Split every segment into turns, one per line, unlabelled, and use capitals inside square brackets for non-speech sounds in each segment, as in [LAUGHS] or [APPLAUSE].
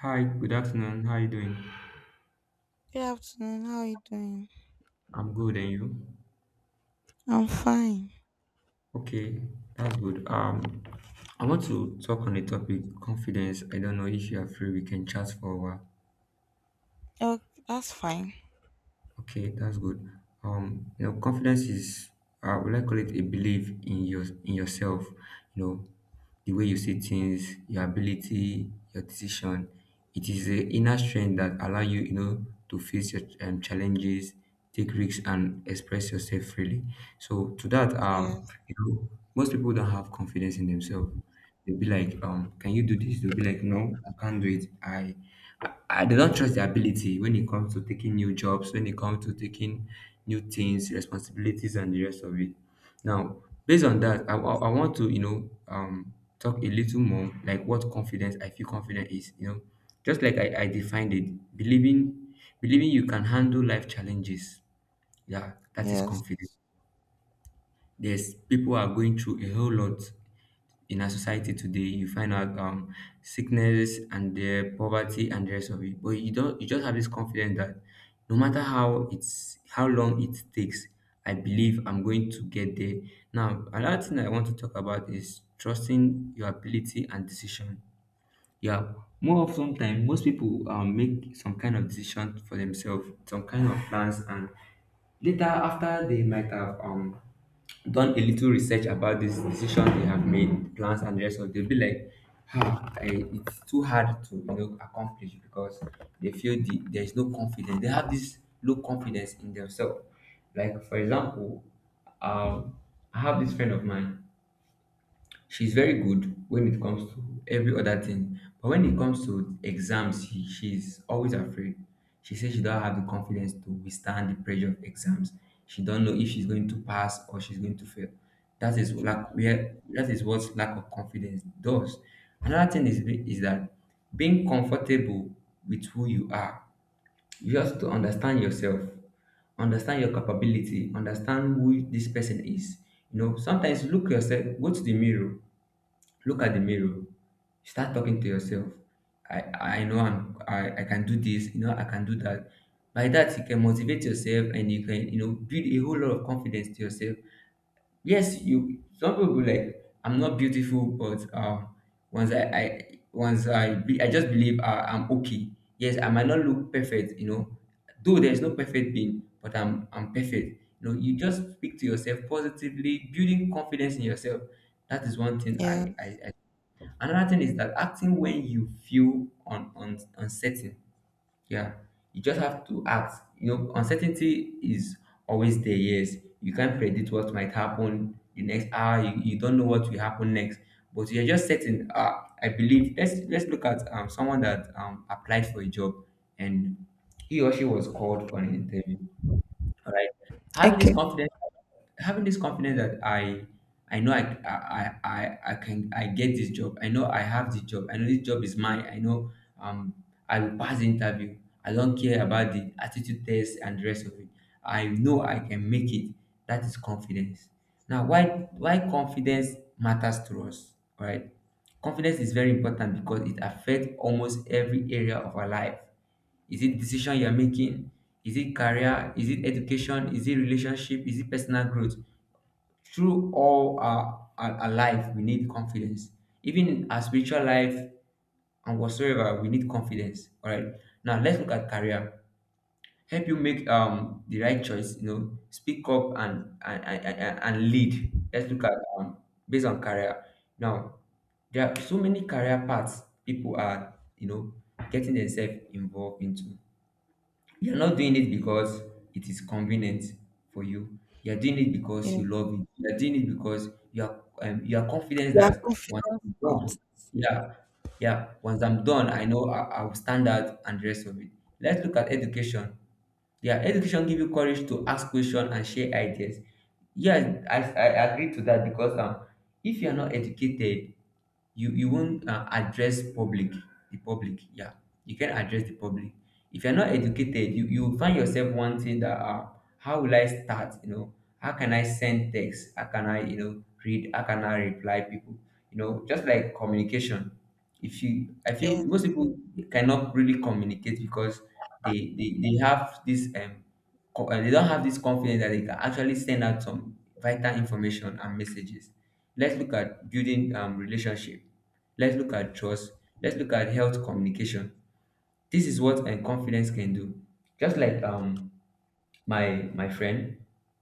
Hi, good afternoon. How are you doing?
Good afternoon. How are you doing?
I'm good, and you?
I'm fine.
Okay, that's good. I want to talk on the topic confidence. I don't know if you are free, we can chat for a while.
Oh, that's fine.
Okay, that's good. Confidence is would I call it a belief in your in yourself. You know, the way you see things, your ability, your decision. It is the inner strength that allow you, you know, to face your challenges, take risks, and express yourself freely. So to that,
Yes.
you know, most people don't have confidence in themselves. They'll be like, can you do this? They'll be like, no, I can't do it. I they don't trust their ability when it comes to taking new jobs, when it comes to taking new things, responsibilities, and the rest of it. Now, based on that, I want to, talk a little more like what confidence I feel confident is, you know, just like I defined it, believing you can handle life challenges. Yeah, that is
Yes.
confidence. Yes, people are going through a whole lot in our society today, you find out sickness and the poverty and the rest of it. But you don't, you just have this confidence that no matter how long it takes, I believe I'm going to get there. Now, another thing I want to talk about is trusting your ability and decision. Yeah, more often time, most people make some kind of decision for themselves, some kind of plans, and later after they might have done a little research about this decision they have made, plans and the rest of, it, they'll be like, ah, I, it's too hard to you know accomplish because they feel there is no confidence. They have this low confidence in themselves. Like for example, um, I have this friend of mine. She's very good when it comes to every other thing, but when it comes to exams, she's always afraid. She says she don't have the confidence to withstand the pressure of exams. She don't know if she's going to pass or she's going to fail. That is
Yeah.
lack where that is what lack of confidence does. Another thing is that being comfortable with who you are. You just to understand yourself, understand your capability, understand who this person is. You know, sometimes look yourself, go to the mirror. Look at the mirror. Start talking to yourself. I know I can do this, you know, I can do that. By that, you can motivate yourself and you can, you know, build a whole lot of confidence to yourself. Yes, you, some people be like, I'm not beautiful, but once I once I, be, I just believe I'm okay. Yes, I might not look perfect, you know, though there's no perfect being, but I'm perfect. You know, you just speak to yourself positively, building confidence in yourself. That is one thing
Yes.
another thing is that acting when you feel uncertain. Yeah, you just have to act. You know, uncertainty is always there. Yes, you can't predict what might happen the next hour. You don't know what will happen next, but you're just certain. I believe. Let's look at someone that applied for a job and he or she was called for an interview, all right. Having this
Okay.
confidence, having this confidence that I know I can, I get this job. I know I have this job. I know this job is mine. I know, um, I will pass the interview. I don't care about the attitude test and the rest of it. I know I can make it. That is confidence. Now, why confidence matters to us, all right? Confidence is very important because it affects almost every area of our life. Is it decision you're making? Is it career? Is it education? Is it relationship? Is it personal growth? Through all our life, we need confidence. Even in our spiritual life and whatsoever, we need confidence. All right. Now let's look at career. Help you make the right choice. You know, speak up and lead. Let's look at um based on career. Now there are so many career paths people are you know getting themselves involved into. You're not doing it because it is convenient for you. You're doing it
Yeah.
because you love it. You're doing it because you are confident
You have
that once
confidence
I'm
about
done, yeah, yeah, once I'm done, I know I will stand out and the rest of it. Let's look at education. Yeah, education give you courage to ask questions and share ideas. Yeah, I agree to that because if you're not educated, you won't address public the public, yeah, you can address the public. If you're not educated, you find yourself wanting that how will I start, you know, how can I send text, how can I you know read, how can I reply people, you know, just like communication. If you I feel
yes.
most people
Yes.
cannot really communicate because they have this they don't have this confidence that they can actually send out some vital information and messages. Let's look at building relationship. Let's look at trust. Let's look at health communication. This is what and confidence can do. Just like my friend,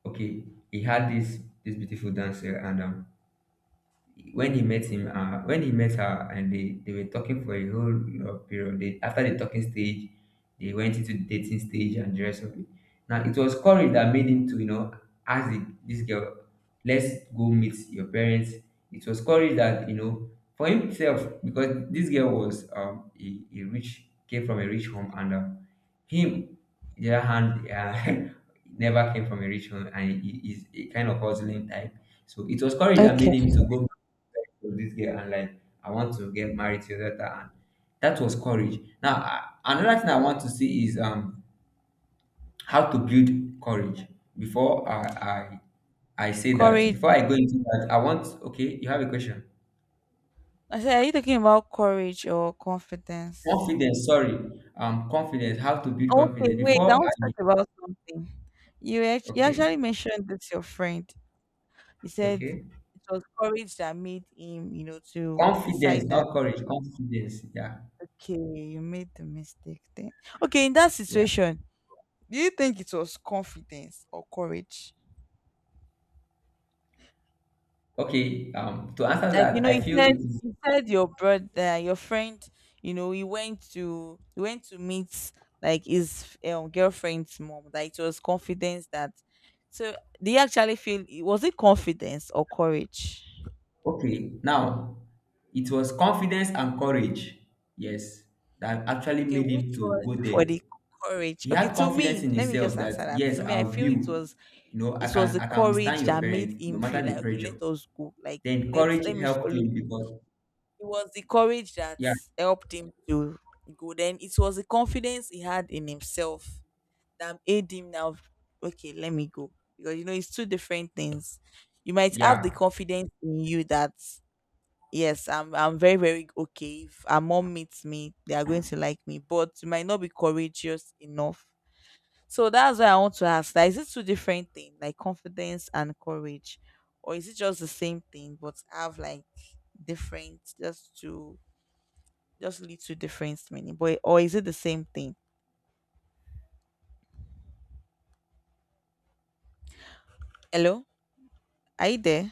okay, he had this beautiful dancer and when he met him, when he met her, and they were talking for a whole of period. They, after the talking stage, they went into the dating stage and the rest of it. Now it was courage that made him to, you know, ask this girl, let's go meet your parents. It was courage that, you know, for himself, because this girl was a rich, came from a rich home, and him the other hand, [LAUGHS] never came from a rich home, and he is a kind of hustling type. So it was courage that made him
Okay.
to go with this girl, and like, I want to get married to your daughter. And that was courage. Now another thing I want to see is how to build courage. before I
Courage.
before I go into that, I want, okay, you have a question.
I said, are you talking about courage or confidence?
Confidence, sorry, confidence, how to build
Okay,
confidence
wait. I
before I,
want to talk about something. You
okay.
actually mentioned this your friend. You said
Okay,
it was courage that made him, you know, to
confidence,
decide that.
not courage, confidence, yeah,
Okay, you made the mistake. Then okay, in that
yeah.
situation, do you think it was confidence or courage?
Okay, to answer
Like you
that,
know
I
you
feel
said
it is
your brother your friend, you know, he went to meet like his girlfriend's mom, like it was confidence that. So do you actually feel, was it confidence or courage?
okay. Now it was confidence and courage, yes, that actually
Okay,
made him
which
to go
one
there.
for the courage?
He
Okay,
had
to
confidence
me,
in
let me
himself
just answer
that
that.
yes,
To me,
I
I
will.
feel
You know,
it was the
I can withstand
courage
your
that made
parents no
him
matter
feel
the
like, okay,
pressure.
let us go. Like
Then
let's
courage
let me
helped
follow
him
you.
because
It was the courage that
yeah,
helped him to go. Then it was the confidence he had in himself that made him now, okay, let me go. Because, you know, it's two different things. You might have the
yeah,
confidence in you that, yes, I'm very, very okay. If our mom meets me, they are going to like me. But you might not be courageous enough. So that's why I want to ask, that is it two different things, like confidence and courage? Or is it just the same thing but have like different, just to just little difference, meaning. But or is it the same thing? Hello, are you there?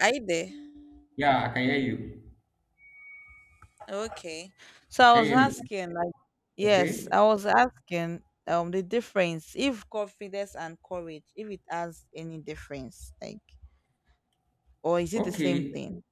Are you there?
yeah, I can hear you.
Okay. So I
Can you
was
hear me?
asking, like, yes,
Okay.
I was asking, the difference if confidence and courage, if it has any difference, like, or is it the same
Okay.
thing?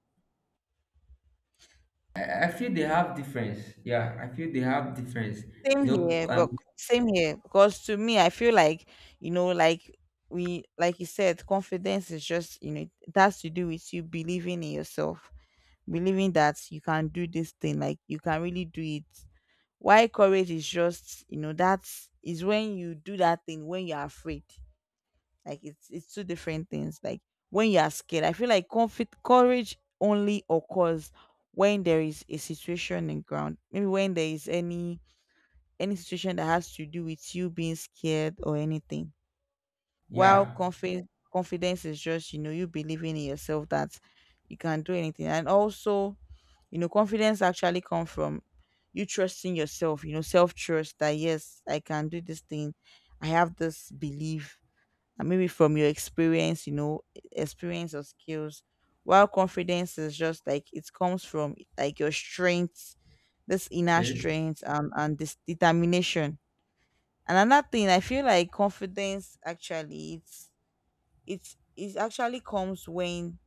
I feel they have difference. Yeah, I feel they have difference.
Same
You know,
here, but same here because to me, I feel like, you know, like we, like you said, confidence is just, you know, it has to do with you believing in yourself, believing that you can do this thing, like you can really do it. Why courage is just, you know, that's is when you do that thing when you're afraid. Like it's two different things. Like when you are scared, I feel like conflict courage only occurs when there is a situation in ground. Maybe when there is any situation that has to do with you being scared or anything. While
yeah.
confidence is just, you know, you believing in yourself that you can do anything. And also, you know, confidence actually come from you trusting yourself, you know, self-trust that yes, I can do this thing. I have this belief. And maybe from your experience, you know, experience or skills. While confidence is just like it comes from like your strengths, this inner
Okay.
strength and this determination. And another thing, I feel like confidence actually it actually comes when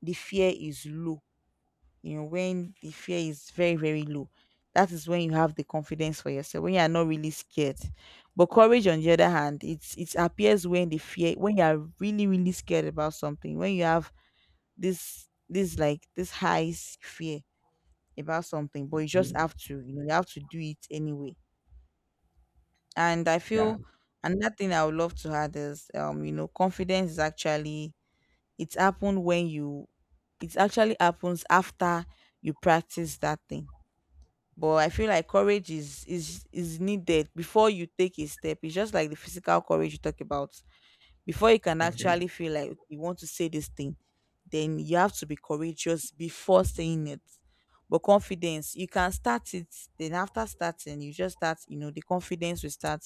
the fear is low, you know, when the fear is very very low, that is when you have the confidence for yourself when you are not really scared. But courage on the other hand, it appears when the fear, when you are really really scared about something, when you have this this like this high fear about something, but you just
Okay.
have to, you know, you have to do it anyway. And I
Yeah.
feel another thing I would love to add is, you know, confidence is actually it's happened when you it actually happens after you practice that thing. But I feel like courage is needed before you take a step. It's just like the physical courage you talk about. Before you can
Okay.
actually feel like you want to say this thing, then you have to be courageous before saying it. But confidence, you can start it. Then after starting, you just start, you know, the confidence will start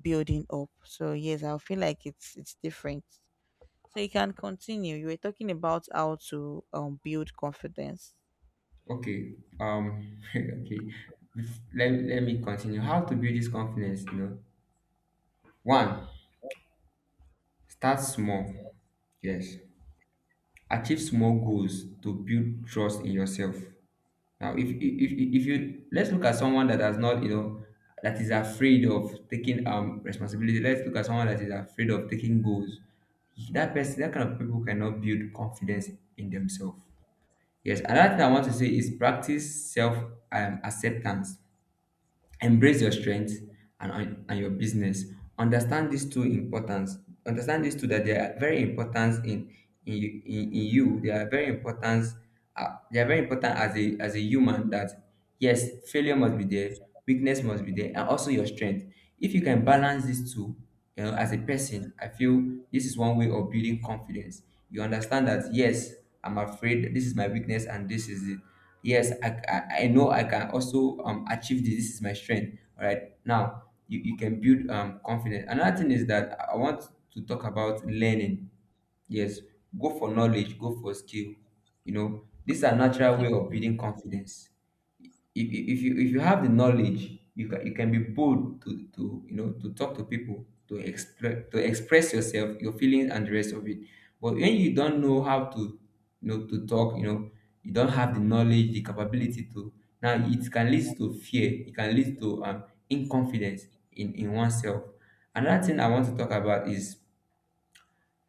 building up. So yes, I feel like it's different. So you can continue. You were talking about how to build confidence.
Okay. [LAUGHS] Okay. Let me continue. How to build this confidence? You know, one, start small. Yes. Achieve small goals to build trust in yourself. Now, if you, let's look at someone that has not, you know, that is afraid of taking responsibility. Let's look at someone that is afraid of taking goals. That person, that kind of people cannot build confidence in themselves. Yes, another thing I want to say is practice self acceptance, embrace your strengths and your business. Understand these two importance, understand these two, that they are very important in in you they are very important, they are very important as a human. That yes, failure must be there, weakness must be there, and also your strength. If you can balance these two, you know, as a person I feel this is one way of building confidence. You understand that yes, I'm afraid, this is my weakness, and this is it. Yes, I know I can also achieve this, this is my strength. All right, now you can build confidence. Another thing is that I want to talk about learning. Yes, go for knowledge, go for skill. You know, these are natural
Okay.
way of building confidence. If you if you have the knowledge, you can, you can be bold to you know, to talk to people, to express, to express yourself, your feelings, and the rest of it. But when you don't know how to, you know, to talk, you know, you don't have the knowledge, the capability to, now it can lead to fear, it can lead to inconfidence in oneself. Another thing I want to talk about is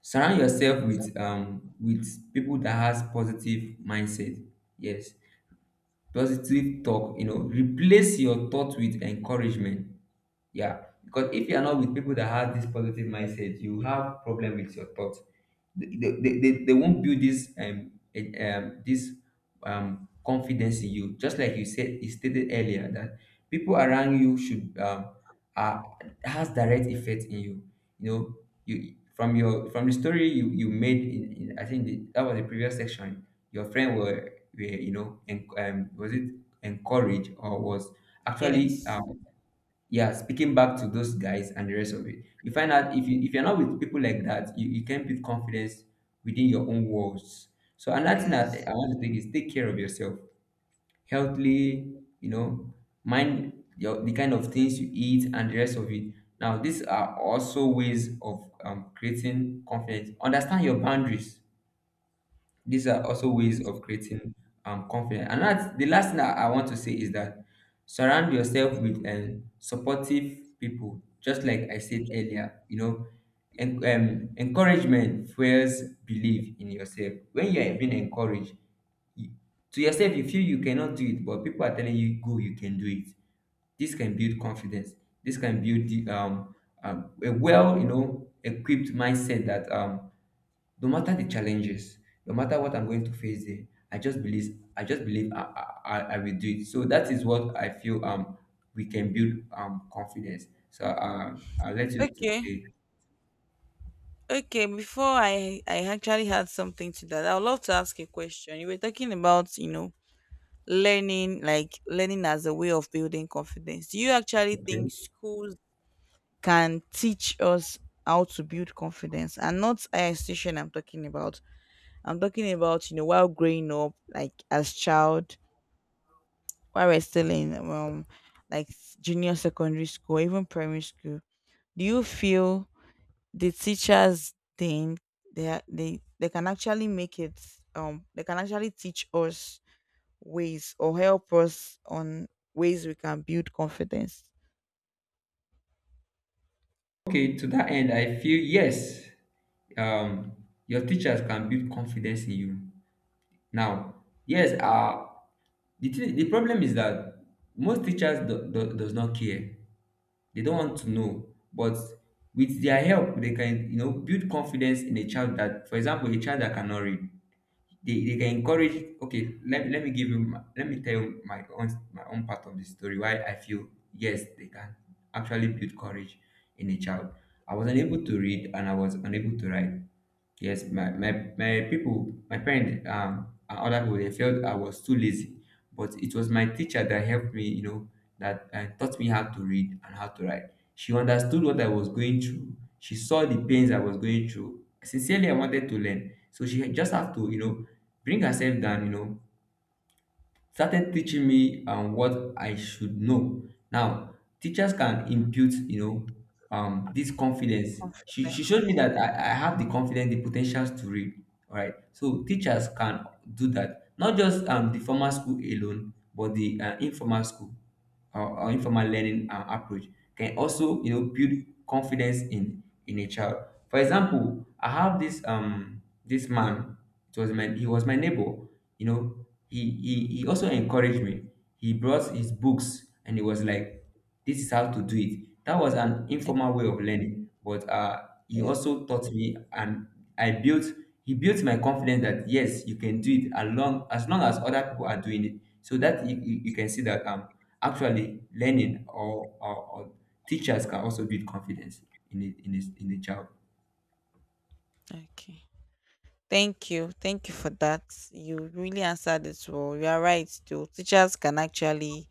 surround yourself with with people that has positive mindset. Yes, positive talk, replace your thought with encouragement. Yeah, because if you are not with people that have this positive mindset, you have problem with your thoughts. They won't build this this confidence in you. Just like you said, you stated earlier that people around you should uh, has direct effect in you. You know, you from your from the story you you made in I think the, that was the previous section. Your friend were, you know, and was it encouraged or was actually
Yes,
yeah, speaking back to those guys and the rest of it, you find out if you if you're not with people like that, you can build confidence within your own walls. So another thing that
yes,
I want to take is take care of yourself healthily. You know, mind your the kind of things you eat and the rest of it. Now these are also ways of creating confidence, understand your boundaries. These are also ways of creating confidence. And that's the last thing that I want to say, is that surround yourself with supportive people, just like I said earlier, you know. Encouragement fuels belief in yourself. When you are being encouraged, you, to yourself, you feel you cannot do it, but people are telling you, go, you can do it. This can build confidence. This can build the, a well, you know, equipped mindset that no matter the challenges, no matter what I'm going to face there, I just believe I just believe I will do it. So that is what I feel we can build confidence, so I'll let you to
okay.
say.
Okay, before I actually had something to that, I would love to ask a question. You were talking about, you know, learning, like learning as a way of building confidence. Do you actually
Okay.
think schools can teach us how to build confidence? And not a station I'm talking about. I'm talking about, you know, while growing up, like as child, while we're still in like junior secondary school, even primary school. Do you feel the teachers think they are, they can actually teach us ways or help us on ways we can build confidence?
Okay, to that end I feel yes, um, your teachers can build confidence in you. Now, yes, the, thing the problem is that most teachers does not care. They don't want to know, but with their help, they can, you know, build confidence in a child that, for example, a child that cannot read. They can encourage. Okay, let me give you my, let me tell you my own part of the story why I feel yes, they can actually build courage in a child. I was unable to read and I was unable to write. Yes, my people, my parents, and other people, they felt I was too lazy. But it was my teacher that helped me, you know, that taught me how to read and how to write. She understood what I was going through. She saw the pains I was going through. Sincerely, I wanted to learn. So she just have to, you know, bring herself down, you know, started teaching me what I should know. Now, teachers can impute, you know, this confidence. She showed me that I have the confidence, the potentials to read. All right. So teachers can do that, not just the formal school alone, but the informal school or informal learning approach can also, you know, build confidence in a child. For example, I have this this man. It was my He was my neighbor, you know, he also encouraged me. He brought his books and he was like, "This is how to do it." That was an
And-
informal way of learning, but he
yeah,
also taught me, and I built. He built my confidence that yes, you can do it along as long as other people are doing it. So that you can see that actually learning, or teachers can also build confidence in a child.
okay. Thank you for that. You really answered it well. You are right, though teachers can actually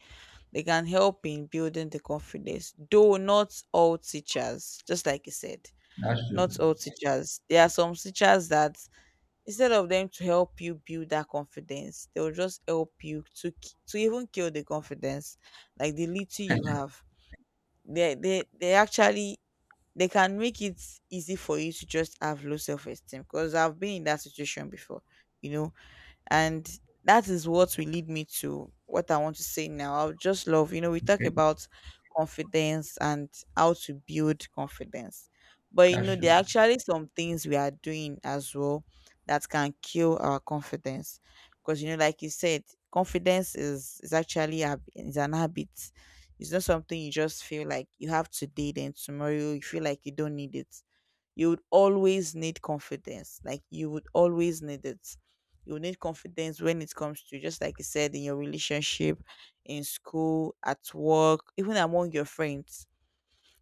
they can help in building the confidence, though not all teachers, just like you said.
That's true.
Not all teachers, there are some teachers that, instead of them to help you build that confidence, they'll just help you to even kill the confidence, like the little you have. They they, they actually they can make it easy for you to just have low self-esteem because I've been in that situation before, you know. And that is what will lead me to what I want to say now. I would just love, you know, we talk
Okay.
about confidence and how to build confidence, but you
That's
know there
true.
are actually some things we are doing as well that can kill our confidence. Because, you know, like you said, confidence is actually is an habit. It's not something you just feel like you have today then tomorrow you feel like you don't need it. You would always need confidence. Like you would always need it. You need confidence when it comes to, just like you said, in your relationship, in school, at work, even among your friends.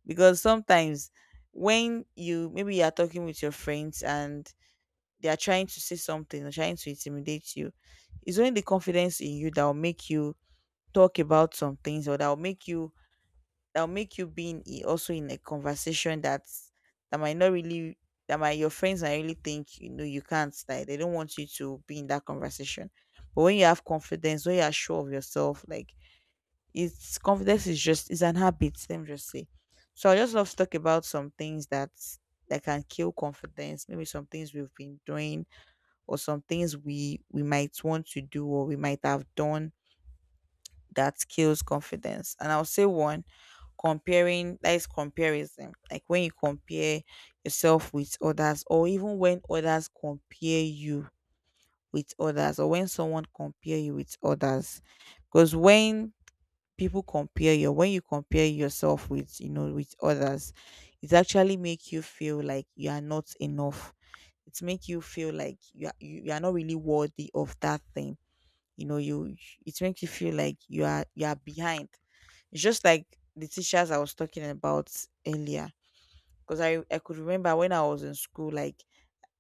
Because sometimes when you, maybe you are talking with your friends and they are trying to say something or trying to intimidate you, it's only the confidence in you that will make you talk about some things, or that will make you being also in a conversation that might not really that might your friends might really think, you know, you can't, like they don't want you to be in that conversation. But when you have confidence, when you are sure of yourself, like it's confidence is an habit, let me just say. So I just love to talk about some things that can kill confidence, maybe some things we've been doing or some things we might want to do or we might have done that kills confidence. And I'll say one, comparing, that is comparison. Like when you compare yourself with others, or even when others compare you with others, or when someone compare you with others. Because when people compare you, when you compare yourself with, you know, with others, it actually make you feel like you are not enough. It make you feel like you are not really worthy of that thing, you know. You It makes you feel like you are behind. It's just like the teachers I was talking about earlier. Because I could remember when I was in school, like,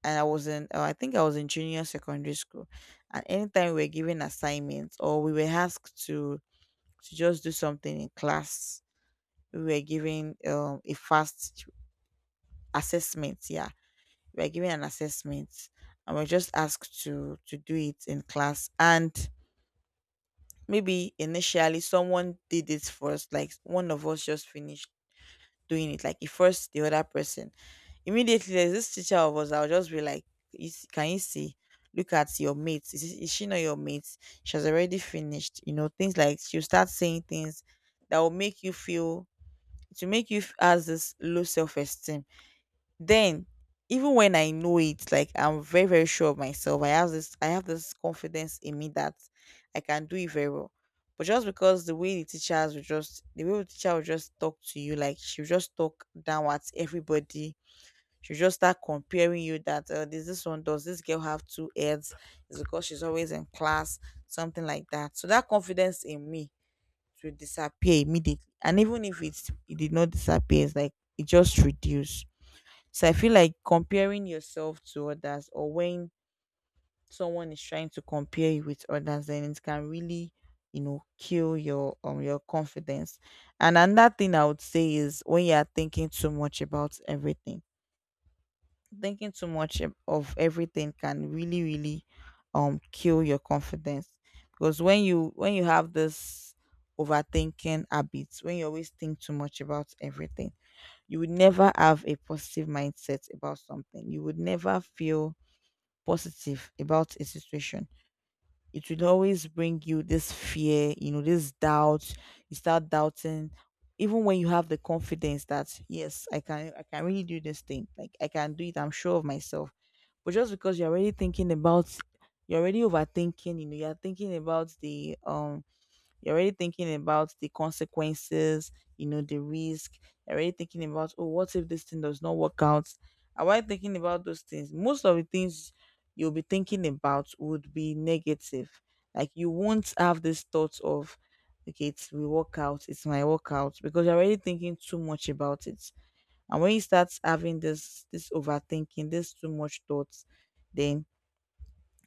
and I was in, I think I was in junior secondary school. And anytime we were given assignments or we were asked to just do something in class, we were given a fast assessment. Yeah. We were given an assessment and we're just asked to do it in class. And maybe initially someone did it first, like one of us just finished doing it. Like he forced the other person. Immediately, there's this teacher of us that will just be like, "You "Can you see? Look at your mate. Is she not your mate? She has already finished." You know, things like she'll start saying things that will make you feel to make you f- as this low self esteem. Then, even when I know it, like I'm very, very sure of myself. I have this confidence in me that I can do it very well. But just because the way the teacher will just talk to you, like she'll just talk down at everybody. She'll just start comparing you that this this one does this girl have two heads? It's because she's always in class, something like that. So that confidence in me will disappear immediately. And even if it did not disappear, it's like it just reduced. So I feel like comparing yourself to others, or when someone is trying to compare you with others, then it can really, you know, kill your confidence. And another thing I would say is when you are thinking too much about everything. Thinking too much of everything can really, really kill your confidence. Because when you have this overthinking habits, when you always think too much about everything, you would never have a positive mindset about something. You would never feel positive about a situation. It would always bring you this fear, this doubt. You start doubting, even when you have the confidence that yes, I can really do this thing. Like I can do it. I'm sure of myself. But just because you're already thinking about, you're already overthinking. You know, you're thinking about the You're already thinking about the consequences, the risk. You're already thinking about, oh, what if this thing does not work out? And while thinking about those things, most of the things you'll be thinking about would be negative. Like you won't have this thought of, okay, it will work out, it's my workout, because you're already thinking too much about it. And when you start having this overthinking, this too much thoughts, then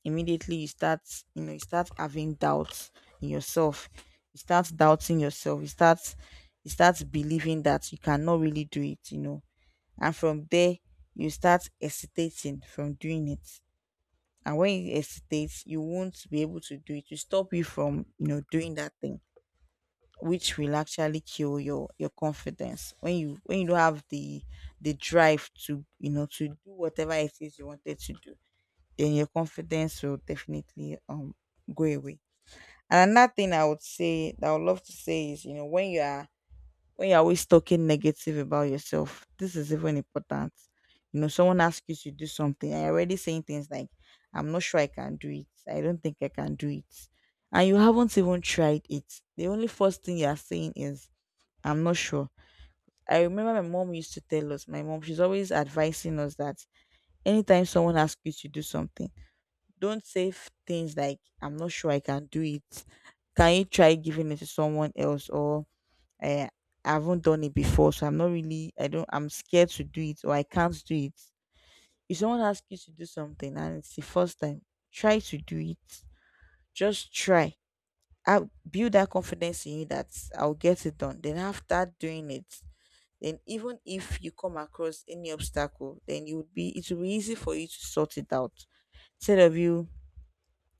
immediately you start having doubts in yourself. You start doubting yourself. You start believing that you cannot really do it. And from there you start hesitating from doing it. And when you hesitate you won't be able to do it. You stop you from doing that thing, which will actually kill your confidence when you don't have the drive to you know to do whatever it is you wanted to do. Then your confidence will definitely go away. And another thing I would say that I would love to say is, when you're always talking negative about yourself. This is even important. Someone asks you to do something and you're already saying things like, I'm not sure I can do it. I don't think I can do it. And you haven't even tried it. The only first thing you're saying is, I'm not sure. I remember my mom used to tell us, my mom, she's always advising us that anytime someone asks you to do something, don't say things like "I'm not sure I can do it." Can you try giving it to someone else? Or eh, I haven't done it before, so I'm not really. I don't. I'm scared to do it, or I can't do it. If someone asks you to do something and it's the first time, try to do it. Just try. I build that confidence in you that I'll get it done. Then after doing it, then even if you come across any obstacle, then you would be it will be easy for you to sort it out instead of you,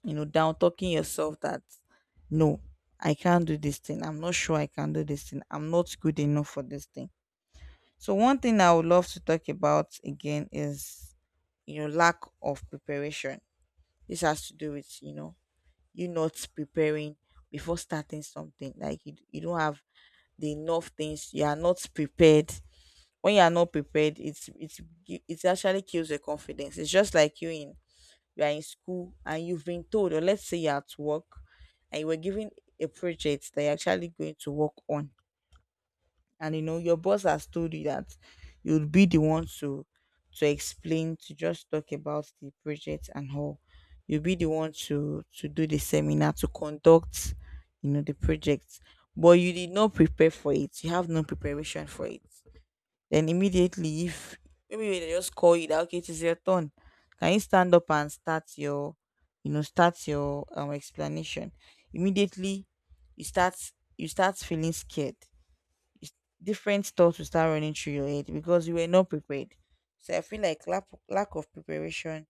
down talking yourself that no, I can't do this thing. I'm not sure I can do this thing. I'm not good enough for this thing. So one thing I would love to talk about again is lack of preparation. This has to do with you not preparing before starting something. Like you don't have the enough things. You are not prepared. When you are not prepared, it actually kills your confidence. It's just like you are in school and you've been told, or let's say you're at work and you were given a project that you're actually going to work on, and your boss has told you that you'll be the one to explain, to just talk about the project and how you'll be the one to do the seminar, to conduct, the project. But you did not prepare for it. You have no preparation for it. Then immediately, if maybe when they just call you that okay, it is your turn, can you stand up and start your explanation? Immediately, you start you start feeling scared. Different thoughts will start running through your head because you were not prepared. So I feel like lack of preparation,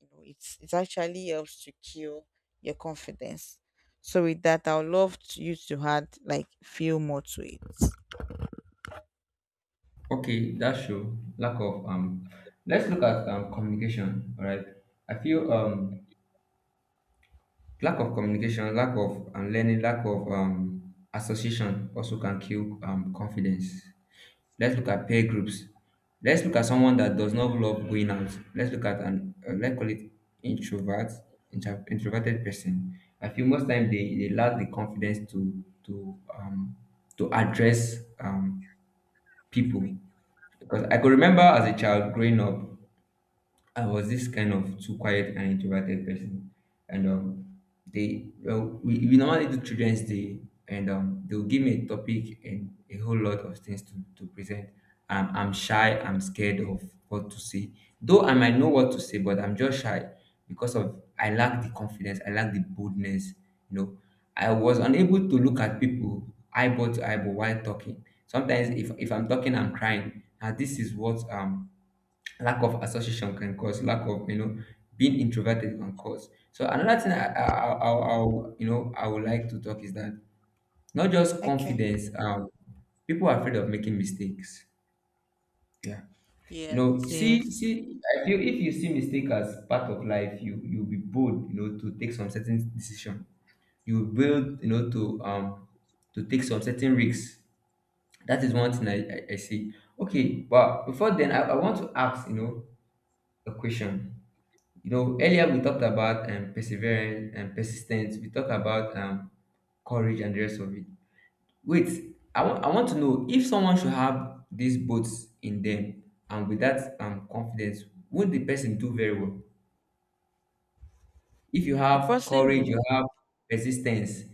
it actually helps to kill your confidence. So with that, I would love to, you to add like few more to it.
Okay, that's true. Lack of. Let's look at communication. All right. I feel lack of communication, lack of learning, lack of association also can kill confidence. Let's look at peer groups. Let's look at someone that does not love going out. Let's look at an let's call it introvert, introverted person. I feel most time they lack the confidence to to address people, because I could remember as a child growing up I was this kind of too quiet and introverted person, and they well, we normally do children's day, and they'll give me a topic and a whole lot of things to present. I'm shy. I'm scared of what to say, though I might know what to say, but I'm just shy because of I lack the confidence. I lack the boldness. You know, I was unable to look at people eyeball to eyeball while talking. Sometimes, if I'm talking, I'm crying. Now, this is what lack of association can cause, lack of you know being introverted can cause. So another thing I I'll- you know I would like to talk is that not just
Okay.
confidence people are afraid of making mistakes. Yeah. You
Yes,
know, see
yes.
see I feel if you see mistake as part of life, you you'll be bold, you know, to take some certain decision, you will build, you know, to take some certain risks. That is one thing I see. Okay, but before then, I want to ask, you know, a question. You know, earlier we talked about perseverance and persistence. We talked about courage and the rest of it. Wait, I want to know if someone should have these boats in them, and with that confidence, would the person do very well? If you
The
have
person
courage, you
who
have persistence,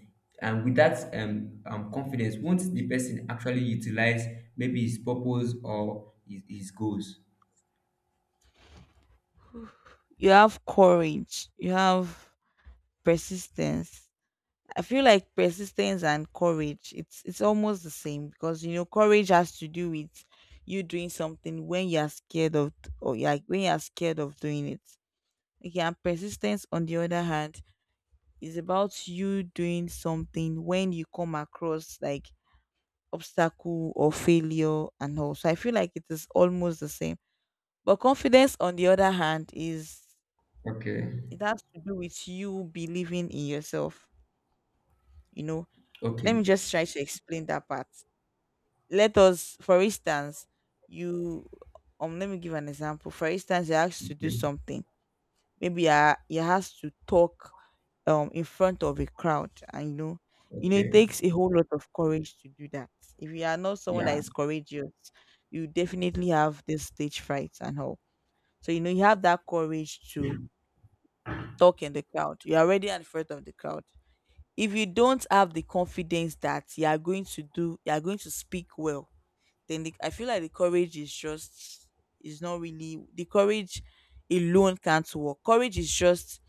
and with that confidence, won't the person actually utilize maybe his purpose or his goals?
You have courage, you have persistence. I feel like persistence and courage, it's almost the same because courage has to do with you doing something when you're scared of, or like when you're scared of doing it. Okay, and persistence, on the other hand, is about you doing something when you come across like obstacle or failure and all. So I feel like it is almost the same. But confidence, on the other hand, is
Okay,
It has to do with you believing in yourself. You know, let
okay,
me just try to explain that part. Let us, for instance, you let me give an example. For instance, you're asked to do
okay,
something. Maybe you has to talk in front of a crowd, and it
okay.
takes a whole lot of courage to do that. If you are not someone that
Yeah,
is courageous, you definitely have this stage fright and all. So you have that courage to talk in the crowd. You're already in front of the crowd. If you don't have the confidence that you are going to speak well, then I feel like the courage is not really, the courage alone can't work. Courage is just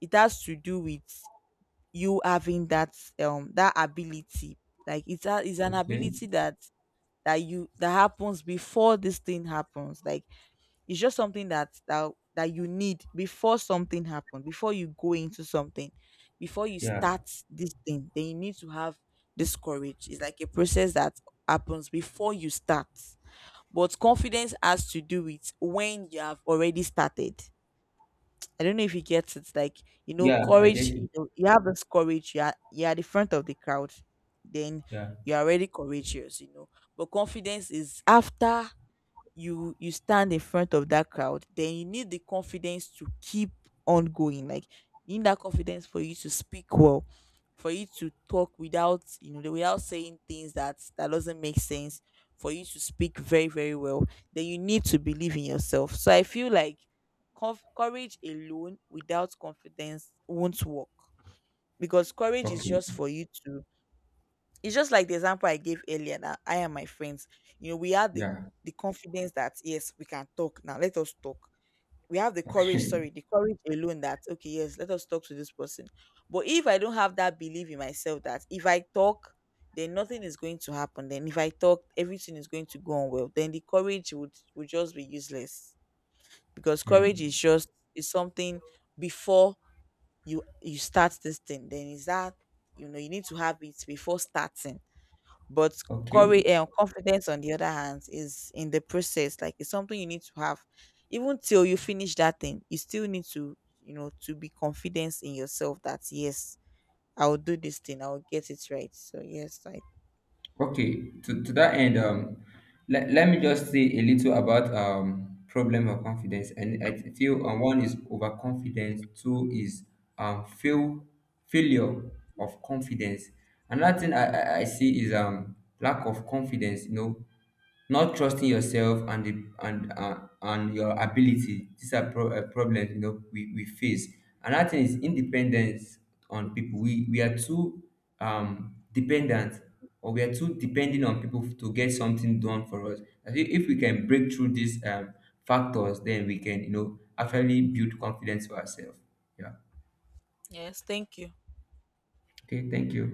it has to do with you having that that ability. Like it's an
okay,
ability that that you that happens before this thing happens. Like it's just something that you need before something happens, before you go into something, before you
yeah,
start this thing, then you need to have this courage. It's like a process that happens before you start. But confidence has to do with when you have already started. I don't know if you get it. Like
yeah, I guess.
courage. You have this courage. You are the front of the crowd. Then
Yeah.
you are already courageous. But confidence is after you stand in front of that crowd. Then you need the confidence to keep on going. Like you need that confidence for you to speak well, for you to talk without, without saying things that doesn't make sense, for you to speak very very well. Then you need to believe in yourself. So I feel like courage alone without confidence won't work, because courage is
Okay.
just for you to it's just like the example I gave earlier that I and my friends, we have the,
Yeah.
the confidence that yes, we can talk now. Let us talk. We have the courage,
Okay. [LAUGHS]
sorry, the courage alone that okay, yes, let us talk to this person. But if I don't have that belief in myself that if I talk, then nothing is going to happen. Then if I talk, everything is going to go on well. Then the courage would just be useless because
Hmm.
courage is something before you start this thing. Then is that you need to have it before starting, but courage
Okay.
and confidence, on the other hand, is in the process. Like it's something you need to have, even till you finish that thing. You still need to be confident in yourself that yes, I will do this thing. I will get it right. So yes, I
Okay, to that end, let me just say a little about problem of confidence. And I feel one is overconfidence, two is um, fail, failure of confidence. Another thing I see is lack of confidence, you know, not trusting yourself and the, and your ability. These are problems you know we face. Another thing is independence on people. We are too dependent, or we are too depending on people to get something done for us. I think if we can break through these factors, then we can, you know, actually build confidence for ourselves. Yeah.
Yes, thank you.
Okay. Thank you.